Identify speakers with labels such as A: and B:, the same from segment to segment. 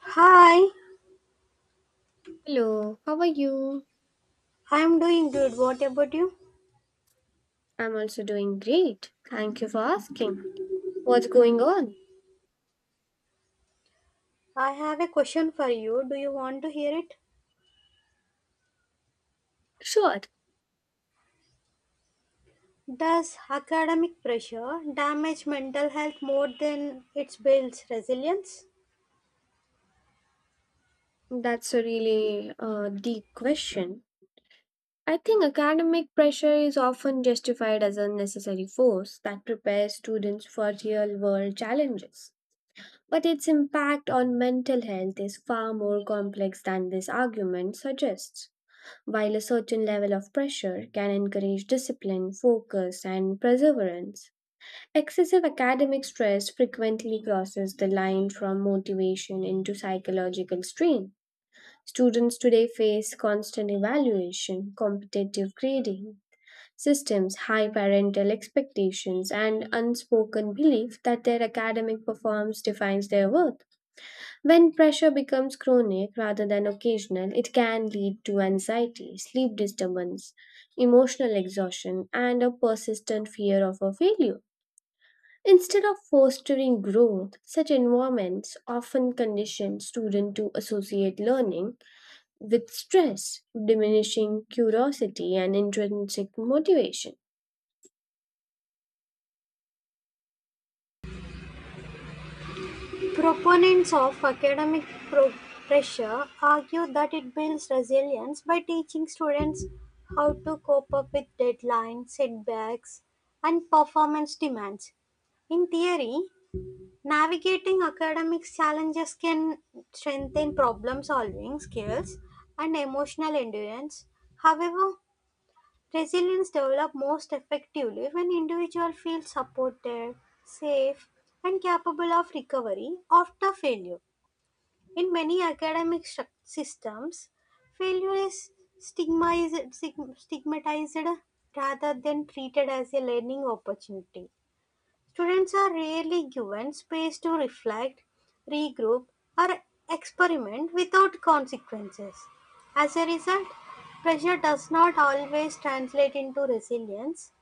A: Hi,
B: Hello, how are you?
A: I'm doing good. What about you?
B: I'm also doing great. Thank you for asking. What's going on?
A: I have a question for you. Do you want to hear it?
B: Sure,
A: Does academic pressure damage mental health more than it builds resilience?
B: that's a really deep question. I think academic pressure is often justified as a necessary force that prepares students for real world challenges. But its impact on mental health is far more complex than this argument suggests. While a certain level of pressure can encourage discipline, focus, and perseverance, excessive academic stress frequently crosses the line from motivation into psychological strain. Students today face constant evaluation, competitive grading systems, high parental expectations, and unspoken belief that their academic performance defines their worth. When pressure becomes chronic rather than occasional, it can lead to anxiety, sleep disturbance, emotional exhaustion, and a persistent fear of a failure. Instead of fostering growth, such environments often condition students to associate learning with stress, diminishing curiosity and intrinsic motivation.
A: Proponents of academic pro- pressure argue that it builds resilience by teaching students how to cope up with deadlines, setbacks, and performance demands. In theory, navigating academic challenges can strengthen problem solving skills and emotional endurance. However, resilience develops most effectively when individuals feel supported, safe, and capable of recovery after failure. In many academic systems, failure is stigmatized, stigmatized rather than treated as a learning opportunity. Students are rarely given space to reflect, regroup, or experiment without consequences. As a result, pressure does not always translate into resilience.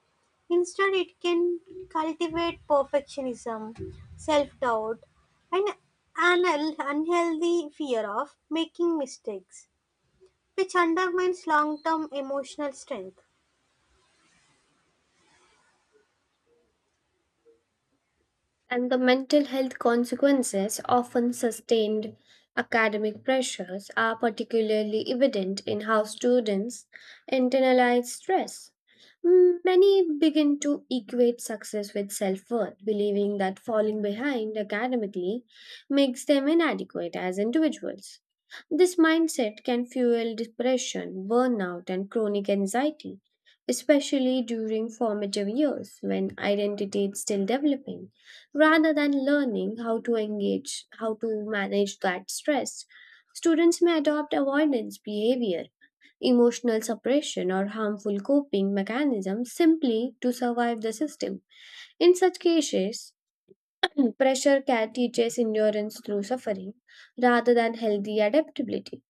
A: Instead, it can cultivate perfectionism, self doubt, and an unhealthy fear of making mistakes, which undermines long term emotional strength.
B: And the mental health consequences, often sustained academic pressures, are particularly evident in how students internalize stress. Many begin to equate success with self worth, believing that falling behind academically makes them inadequate as individuals. This mindset can fuel depression, burnout, and chronic anxiety, especially during formative years when identity is still developing rather than learning how to engage, how to manage that stress. Students may adopt avoidance behavior, emotional suppression, or harmful coping mechanisms simply to survive the system. In such cases, pressure can teaches endurance through suffering rather than healthy adaptability.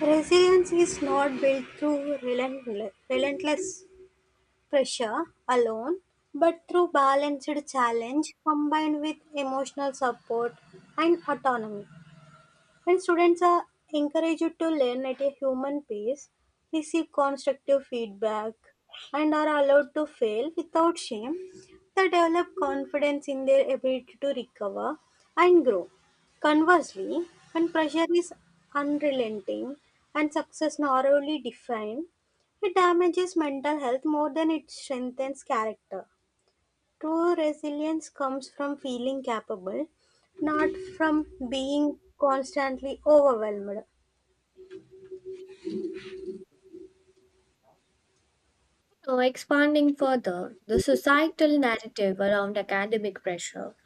A: Resilience is not built through relentless pressure alone, but through balanced challenge combined with emotional support and autonomy. When students are encouraged to learn at a human pace, receive constructive feedback, and are allowed to fail without shame, they develop confidence in their ability to recover and grow. Conversely, when pressure is unrelenting and success narrowly defined, it damages mental health more than it strengthens character. True resilience comes from feeling capable, not from being constantly overwhelmed.
B: Now, expanding further, the societal narrative around academic pressure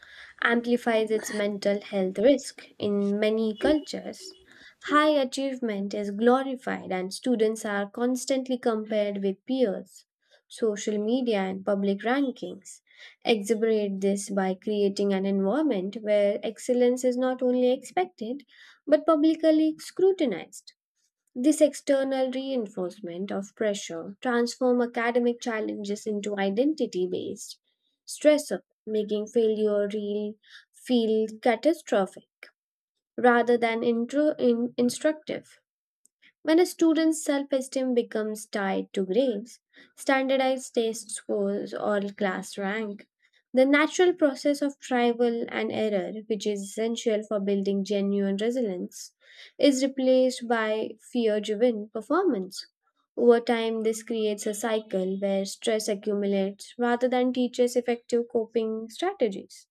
B: amplifies its mental health risk in many cultures. High achievement is glorified, and students are constantly compared with peers. Social media and public rankings exacerbate this by creating an environment where excellence is not only expected but publicly scrutinized. This external reinforcement of pressure transform academic challenges into identity-based stressor, making failure real feel catastrophic rather than instructive. When a student's self esteem becomes tied to grades, standardized test scores, or class rank, the natural process of trial and error, which is essential for building genuine resilience, is replaced by fear driven performance. Over time, this creates a cycle where stress accumulates rather than teaches effective coping strategies.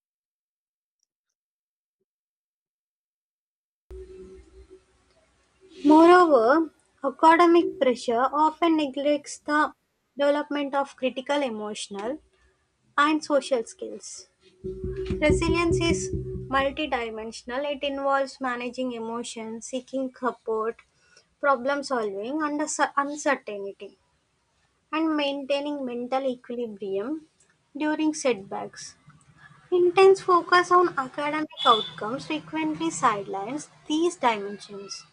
A: Moreover, academic pressure often neglects the development of critical emotional and social skills. Resilience is multidimensional, it involves managing emotions, seeking support, problem solving under uncertainty, and maintaining mental equilibrium during setbacks. Intense focus on academic outcomes frequently sidelines these dimensions.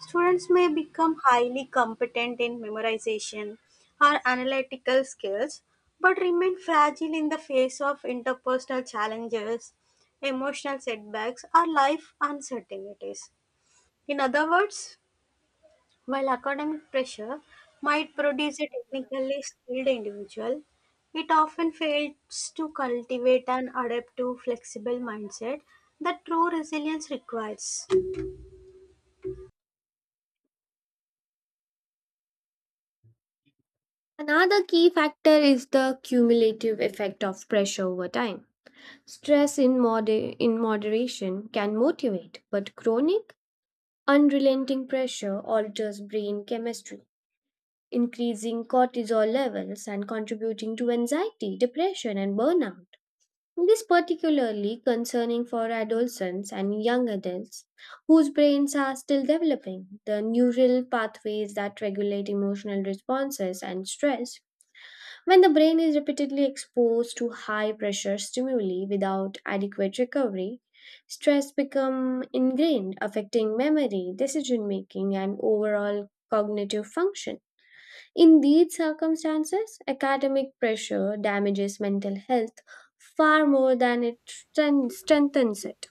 A: Students may become highly competent in memorization or analytical skills, but remain fragile in the face of interpersonal challenges, emotional setbacks, or life uncertainties. In other words, while academic pressure might produce a technically skilled individual, it often fails to cultivate an adaptive, flexible mindset that true resilience requires.
B: Another key factor is the cumulative effect of pressure over time. Stress in moderation can motivate, but chronic, unrelenting pressure alters brain chemistry, increasing cortisol levels and contributing to anxiety, depression, and burnout. This is particularly concerning for adolescents and young adults whose brains are still developing. The neural pathways that regulate emotional responses and stress when the brain is repeatedly exposed to high pressure stimuli without adequate recovery, stress becomes ingrained, affecting memory, decision making, and overall cognitive function. In these circumstances, academic pressure damages mental health far more than it strengthens it.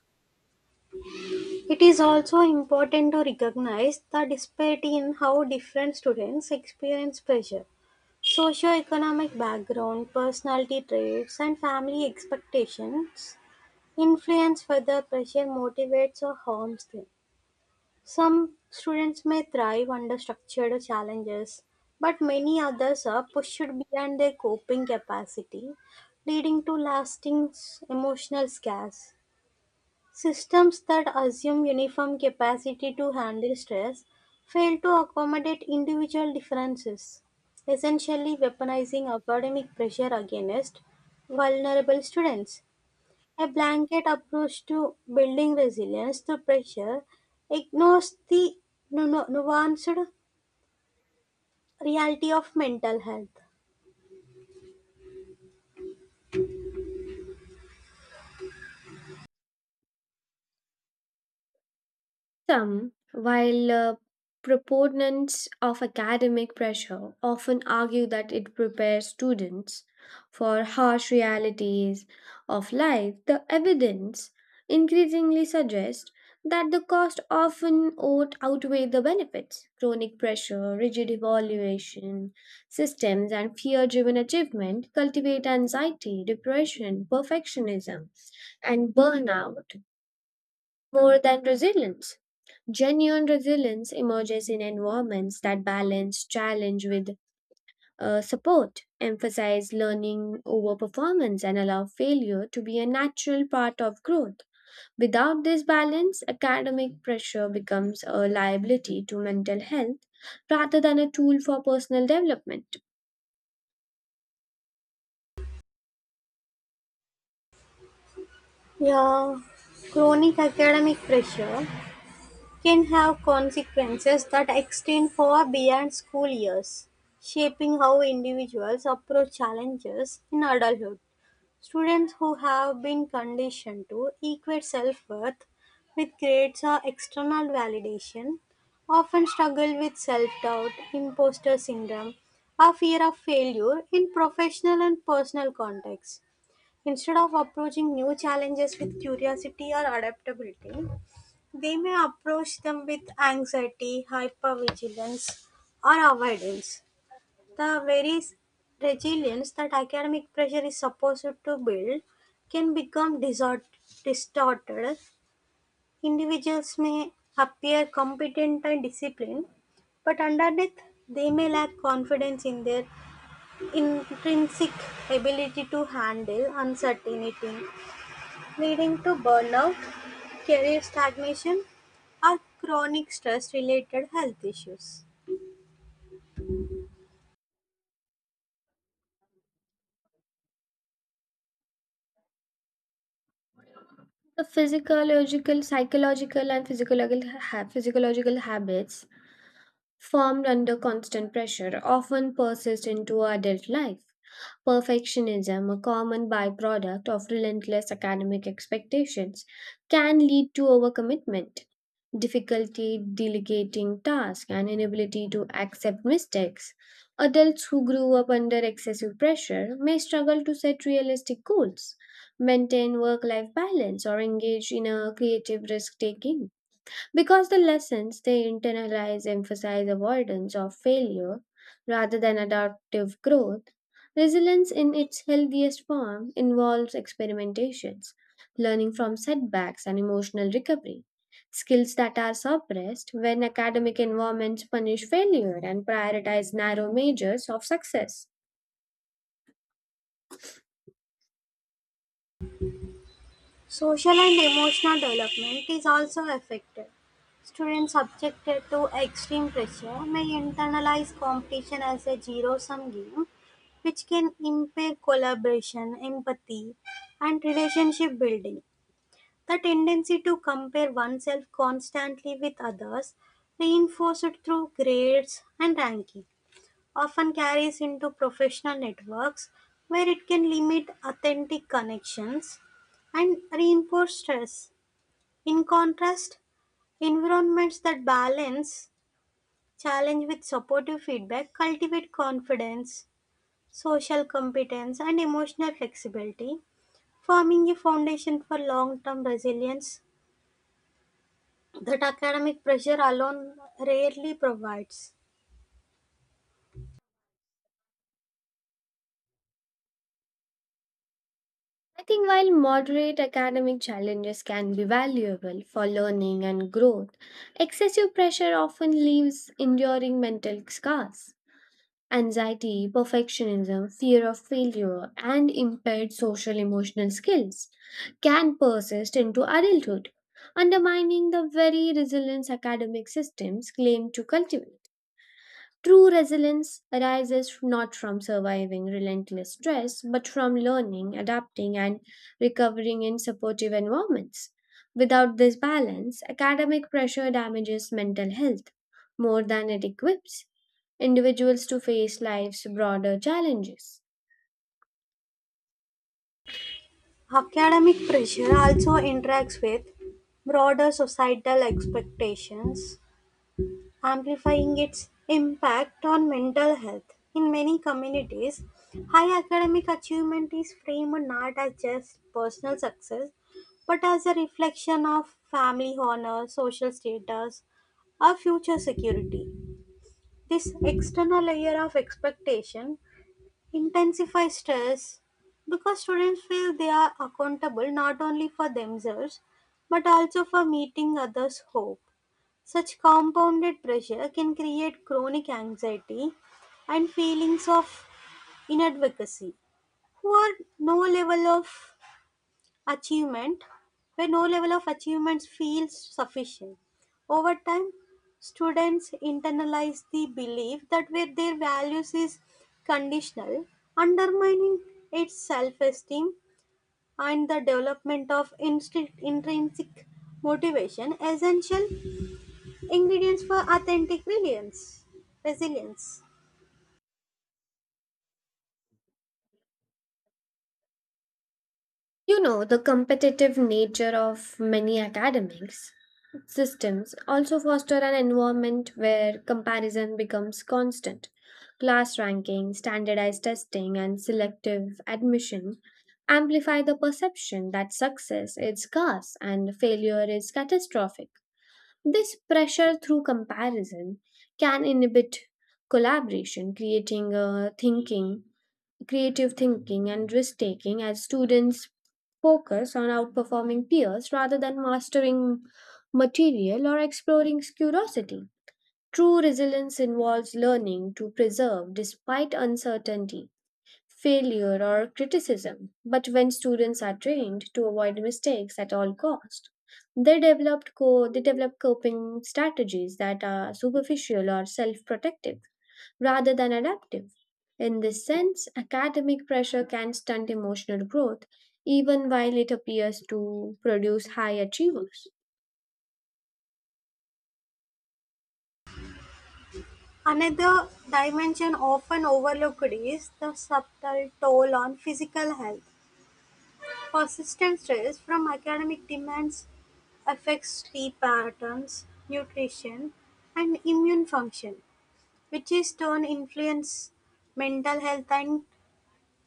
A: It is also important to recognize the disparity in how different students experience pressure. Socioeconomic background, personality traits, and family expectations influence whether pressure motivates or harms them. Some students may thrive under structured challenges, but many others are pushed beyond their coping capacity, leading to lasting emotional scars. Systems that assume uniform capacity to handle stress fail to accommodate individual differences, essentially weaponizing academic pressure against vulnerable students. A blanket approach to building resilience to pressure ignores the nuanced reality of mental health.
B: Some, while proponents of academic pressure often argue that it prepares students for harsh realities of life, the evidence increasingly suggests that the cost often outweigh the benefits. Chronic pressure, rigid evaluation systems, and fear driven achievement cultivate anxiety, depression, perfectionism, and burnout more than resilience. Genuine resilience emerges in environments that balance challenge with support, emphasize learning over performance, and allow failure to be a natural part of growth. Without this balance, academic pressure becomes a liability to mental health rather than a tool for personal development.
A: Yeah, chronic academic pressure can have consequences that extend far beyond school years, shaping how individuals approach challenges in adulthood. Students who have been conditioned to equate self-worth with grades or external validation often struggle with self-doubt, imposter syndrome, or fear of failure in professional and personal contexts. Instead of approaching new challenges with curiosity or adaptability, they may approach them with anxiety, hypervigilance, or avoidance, the very resilience that academic pressure is supposed to build can become distorted. Individuals may appear competent and disciplined, but underneath they may lack confidence in their intrinsic ability to handle uncertainty, leading to burnout, career stagnation, or chronic stress related health issues.
B: The physiological, psychological, and physiological, physiological habits formed under constant pressure often persist into adult life. Perfectionism, a common byproduct of relentless academic expectations, can lead to overcommitment, difficulty delegating tasks, and inability to accept mistakes. Adults who grew up under excessive pressure may struggle to set realistic goals, maintain work life balance, or engage in a creative risk taking. Because the lessons they internalize emphasize avoidance of failure rather than adaptive growth, resilience in its healthiest form involves experimentations, learning from setbacks, and emotional recovery. Skills that are suppressed when academic environments punish failure and prioritize narrow measures of success.
A: Social and emotional development is also affected. Students subjected to extreme pressure may internalize competition as a zero sum game, which can impair collaboration, empathy, and relationship building. The tendency to compare oneself constantly with others, reinforced through grades and rankings, often carries into professional networks where it can limit authentic connections and reinforce stress. In contrast, environments that balance challenge with supportive feedback cultivate confidence, social competence, and emotional flexibility, forming a foundation for long term resilience that academic pressure alone rarely provides.
B: I think while moderate academic challenges can be valuable for learning and growth, excessive pressure often leaves enduring mental scars. Anxiety, perfectionism, fear of failure, and impaired social emotional skills can persist into adulthood, undermining the very resilience academic systems claim to cultivate. True resilience arises not from surviving relentless stress, but from learning, adapting, and recovering in supportive environments. Without this balance, academic pressure damages mental health more than it equips individuals to face life's broader challenges.
A: Academic pressure also interacts with broader societal expectations, amplifying its impact on mental health. In many communities, high academic achievement is framed not as just personal success but as a reflection of family honor, social status, or future security. This external layer of expectation intensify stress because students feel they are accountable not only for themselves but also for meeting others' hope. Such compounded pressure can create chronic anxiety and feelings of inadequacy, or no level of achievement, where no level of achievements feels sufficient. Over time, students internalize the belief that where their values is conditional, undermining its self-esteem and the development of intrinsic motivation, essential ingredients for authentic resilience.
B: You know, the competitive nature of many academics systems also foster an environment where comparison becomes constant. Class ranking, standardized testing, and selective admission amplify the perception that success is scarce and failure is catastrophic. This pressure through comparison can inhibit collaboration, creating a thinking, creative thinking, and risk taking as students focus on outperforming peers rather than mastering material or exploring curiosity. True resilience involves learning to preserve despite uncertainty failure or criticism. But when students are trained to avoid mistakes at all cost, they develop coping strategies that are superficial or self-protective rather than adaptive. In this sense, academic pressure can stunt emotional growth even while it appears to produce high achievers.
A: Another dimension often overlooked is the subtle toll on physical health. Persistent stress from academic demands affects sleep patterns, nutrition, and immune function, which in turn influence mental health and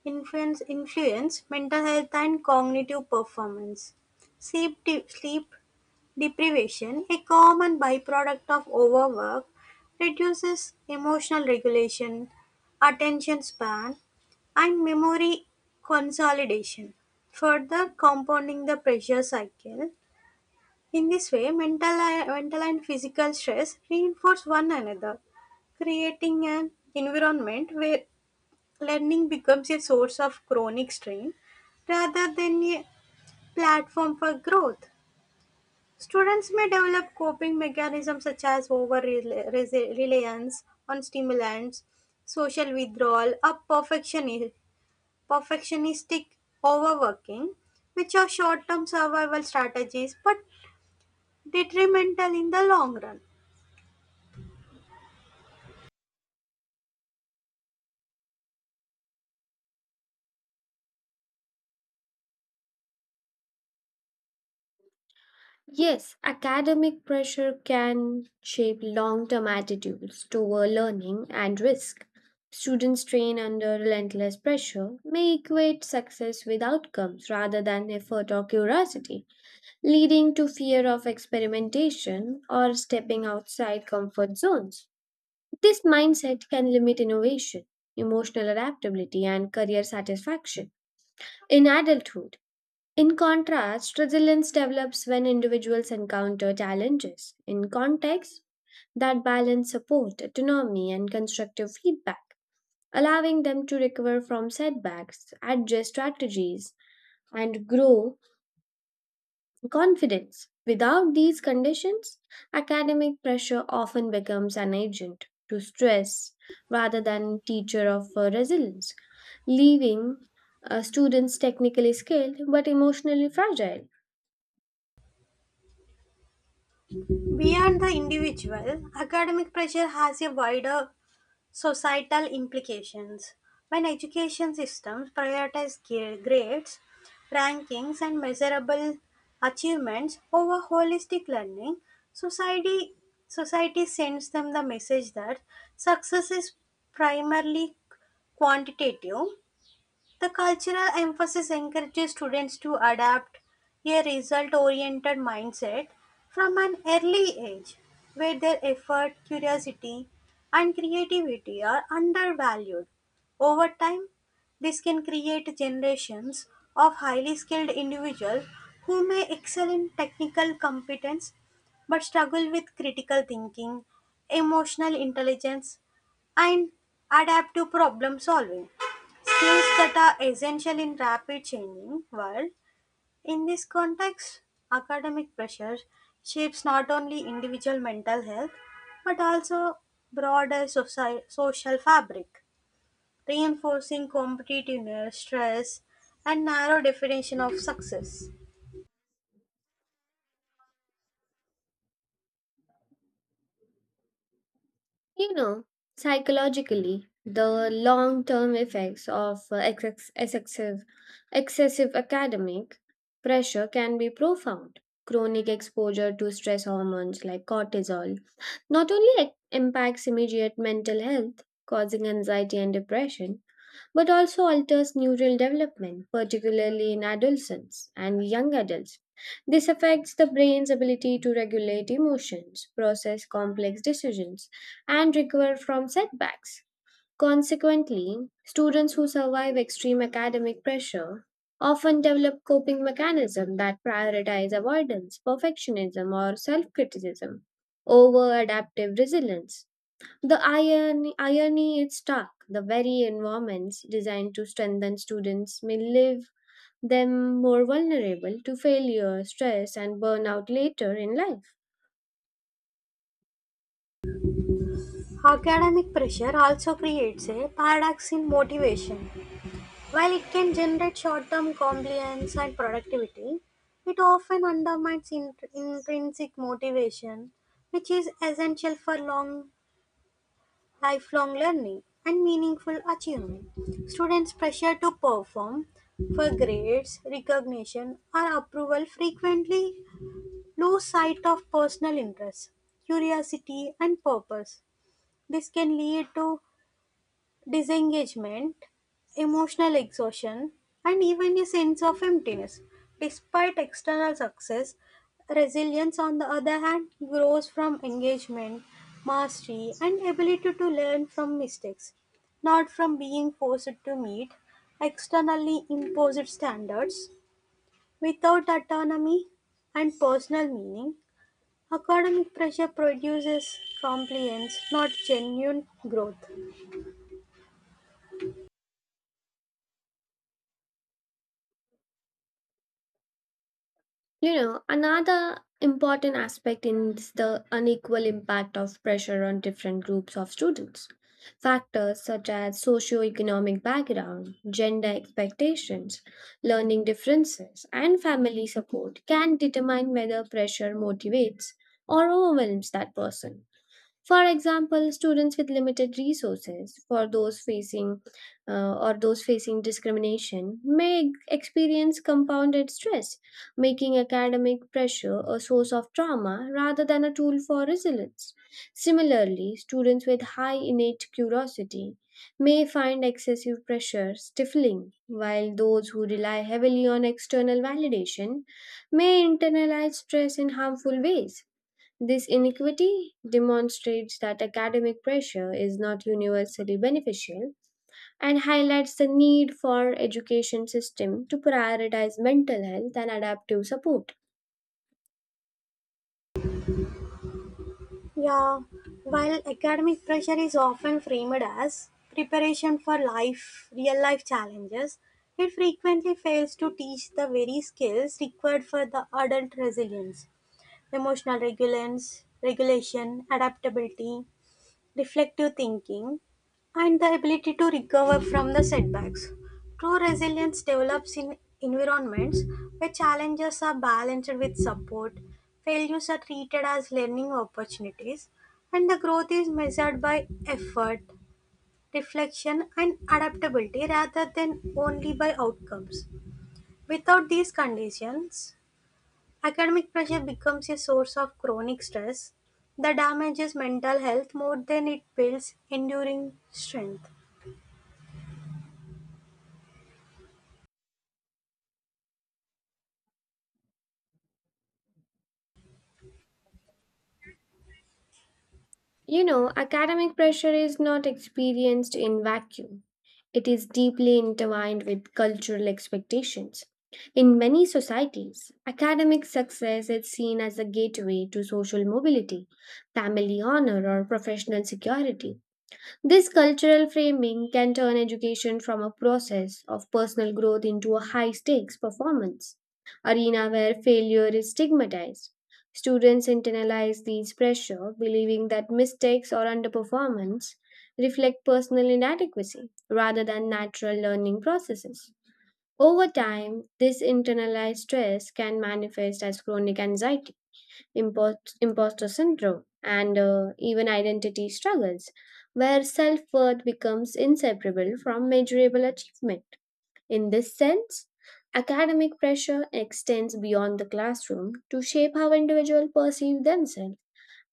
A: Influence influence mental health and cognitive performance. Sleep deprivation, a common byproduct of overwork, reduces emotional regulation, attention span, and memory consolidation, further compounding the pressure cycle. In this way, mental and physical stress reinforce one another, creating an environment where learning becomes a source of chronic strain rather than a platform for growth. Students may develop coping mechanisms such as over reliance on stimulants, social withdrawal, or perfectionistic overworking, which are short term survival strategies but detrimental in the long run.
B: Yes, academic pressure can shape long term attitudes toward learning and risk. Students trained under relentless pressure may equate success with outcomes rather than effort or curiosity, leading to fear of experimentation or stepping outside comfort zones. This mindset can limit innovation, emotional adaptability, and career satisfaction. In adulthood, in contrast, resilience develops when individuals encounter challenges. In context, that balance support, autonomy, and constructive feedback, allowing them to recover from setbacks, adjust strategies, and grow confidence. Without these conditions, academic pressure often becomes an agent to stress rather than teacher of resilience, leaving students technically skilled but emotionally fragile.
A: Beyond the individual, academic pressure has a wider societal implications. When education systems prioritize grades, rankings, and measurable achievements over holistic learning, society, society sends them the message that success is primarily quantitative. The cultural emphasis encourages students to adapt a result oriented mindset from an early age, where their effort, curiosity, and creativity are undervalued. Over time, this can create generations of highly skilled individuals who may excel in technical competence but struggle with critical thinking, emotional intelligence, and adaptive problem solving. Skills that are essential in rapid changing world. In this context, academic pressure shapes not only individual mental health but also broader social fabric, reinforcing competitiveness, stress, and narrow definition of success.
B: You know, psychologically, the long term effects of excessive academic pressure can be profound. Chronic exposure to stress hormones like cortisol not only ac- impacts immediate mental health, causing anxiety and depression, but also alters neural development, particularly in adolescents and young adults. This affects the brain's ability to regulate emotions, process complex decisions, and recover from setbacks. Consequently, students who survive extreme academic pressure often develop coping mechanisms that prioritize avoidance, perfectionism, or self criticism over adaptive resilience. Irony is stark. The very environments designed to strengthen students may leave them more vulnerable to failure, stress, and burnout later in life.
A: Academic pressure also creates a paradox in motivation. While it can generate short term compliance and productivity, it often undermines intrinsic motivation, which is essential for long lifelong learning and meaningful achievement. Students' pressure to perform for grades, recognition, or approval frequently lose sight of personal interests, curiosity, and purpose. This can lead to disengagement, emotional exhaustion, and even a sense of emptiness. Despite external success, resilience, on the other hand, grows from engagement, mastery, and ability to learn from mistakes, not from being forced to meet externally imposed standards. Without autonomy and personal meaning, academic pressure produces compliance, not genuine growth.
B: You know, another important aspect is the unequal impact of pressure on different groups of students. Factors such as socioeconomic background, gender expectations, learning differences, and family support can determine whether pressure motivates or overwhelms that person. For example, students with limited resources, for those facing or those facing discrimination, may experience compounded stress, making academic pressure a source of trauma rather than a tool for resilience. Similarly, students with high innate curiosity may find excessive pressure stifling, while those who rely heavily on external validation may internalize stress in harmful ways. This inequity demonstrates that academic pressure is not universally beneficial and highlights the need for education system to prioritize mental health and adaptive support.
A: Yeah, while academic pressure is often framed as preparation for life, real life challenges, it frequently fails to teach the very skills required for the adult resilience, emotional resilience, regulation, adaptability, reflective thinking, and the ability to recover from the setbacks. True resilience develops in environments where challenges are balanced with support, failures are treated as learning opportunities, and the growth is measured by effort, reflection, and adaptability rather than only by outcomes. Without these conditions, academic pressure becomes a source of chronic stress that damages mental health more than it builds enduring strength.
B: You know, academic pressure is not experienced in vacuum. It is deeply intertwined with cultural expectations. In many societies, academic success is seen as a gateway to social mobility, family honor, or professional security. This cultural framing can turn education from a process of personal growth into a high stakes performance arena where failure is stigmatized. Students internalize these pressure, believing that mistakes or underperformance reflect personal inadequacy rather than natural learning processes. Over time, this internalized stress can manifest as chronic anxiety imposter syndrome, and even identity struggles, where self worth becomes inseparable from measurable achievement. In this sense, academic pressure extends beyond the classroom to shape how individuals perceive themselves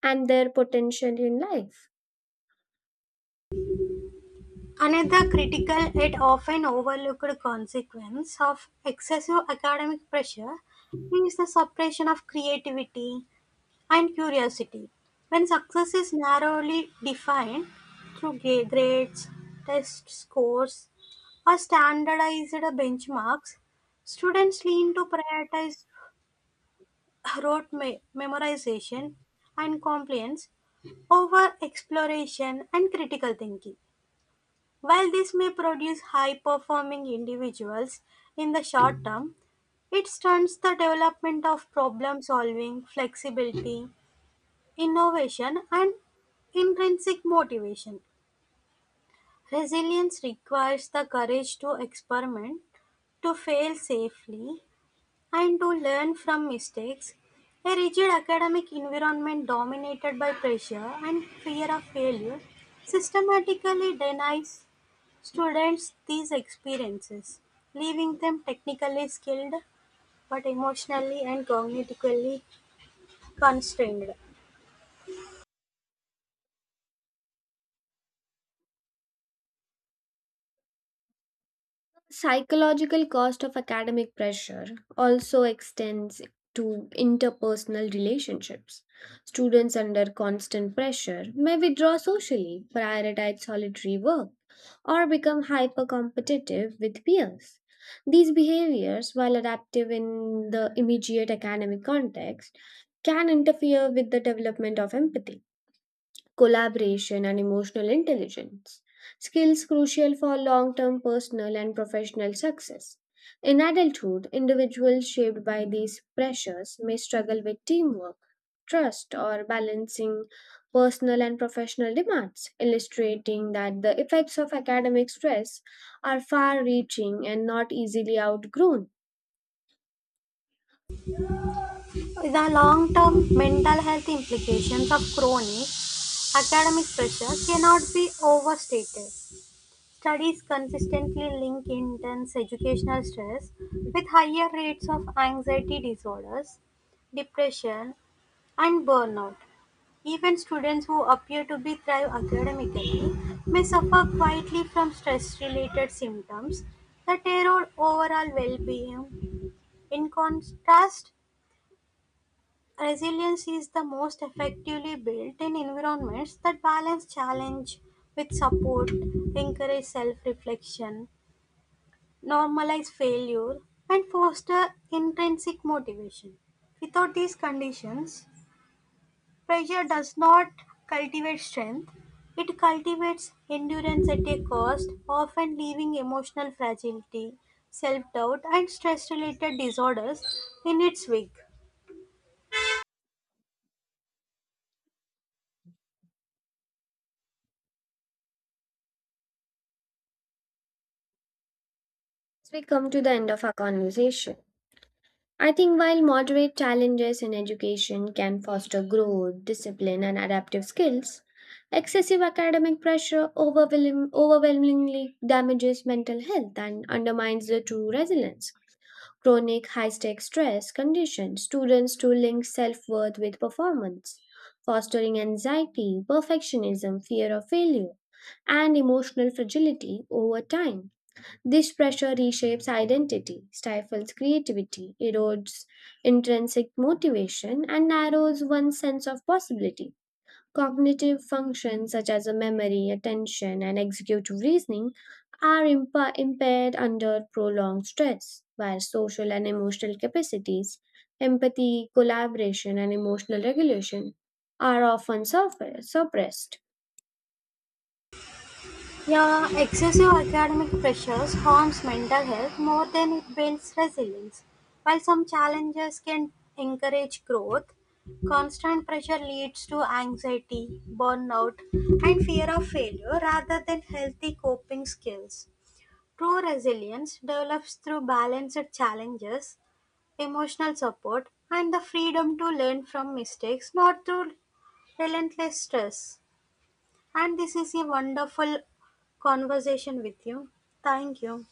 B: and their potential in life.
A: Another critical yet often overlooked consequence of excessive academic pressure is the suppression of creativity and curiosity. When success is narrowly defined through grades, test scores, or standardized benchmarks, students lean to prioritize rote memorization and compliance over exploration and critical thinking. While this may produce high performing individuals in the short term, it stunts the development of problem solving, flexibility, innovation, and intrinsic motivation. Resilience requires the courage to experiment, to fail safely, and to learn from mistakes. A rigid academic environment dominated by pressure and fear of failure systematically denies students these experiences, leaving them technically skilled but emotionally and cognitively constrained.
B: Psychological cost of academic pressure also extends to interpersonal relationships. Students under constant pressure may withdraw socially, prioritize solitary work, or become hyper competitive with peers. These behaviors, while adaptive in the immediate academic context, can interfere with the development of empathy collaboration, and emotional intelligence, skills crucial for long term personal and professional success. In adulthood, individuals shaped by these pressures may struggle with teamwork, trust, or balancing personal and professional demands, illustrating that the effects of academic stress are far reaching and not easily outgrown.
A: The long term mental health implications of chronic academic pressure cannot be overstated. Studies consistently link intense educational stress with higher rates of anxiety disorders, depression, and burnout. Even students who appear to be thrive academically may suffer quietly from stress-related symptoms that erode overall well-being. In contrast, resilience is the most effectively built in environments that balance challenge with support, encourage self-reflection, normalize failure, and foster intrinsic motivation. Without these conditions, pressure does not cultivate strength, it cultivates endurance at a cost, often leaving emotional fragility, self doubt, and stress related disorders in its wake.
B: As we come to the end of our conversation, I think while moderate challenges in education can foster growth, discipline, and adaptive skills, excessive academic pressure overwhelmingly damages mental health and undermines the true resilience. Chronic high stake stress conditions students to link self worth with performance, fostering anxiety, perfectionism, fear of failure, and emotional fragility over time. This pressure reshapes identity, stifles creativity, erodes intrinsic motivation, and narrows one's sense of possibility. Cognitive functions such as memory, attention, and executive reasoning are impaired under prolonged stress, while social and emotional capacities, empathy, collaboration, and emotional regulation are often suppressed.
A: Yeah, excessive academic pressures harms mental health more than it builds resilience. While some challenges can encourage growth, constant pressure leads to anxiety, burnout, and fear of failure rather than healthy coping skills. True resilience develops through balanced challenges, emotional support, and the freedom to learn from mistakes, not through relentless stress. And this is a wonderful conversation with you. Thank you.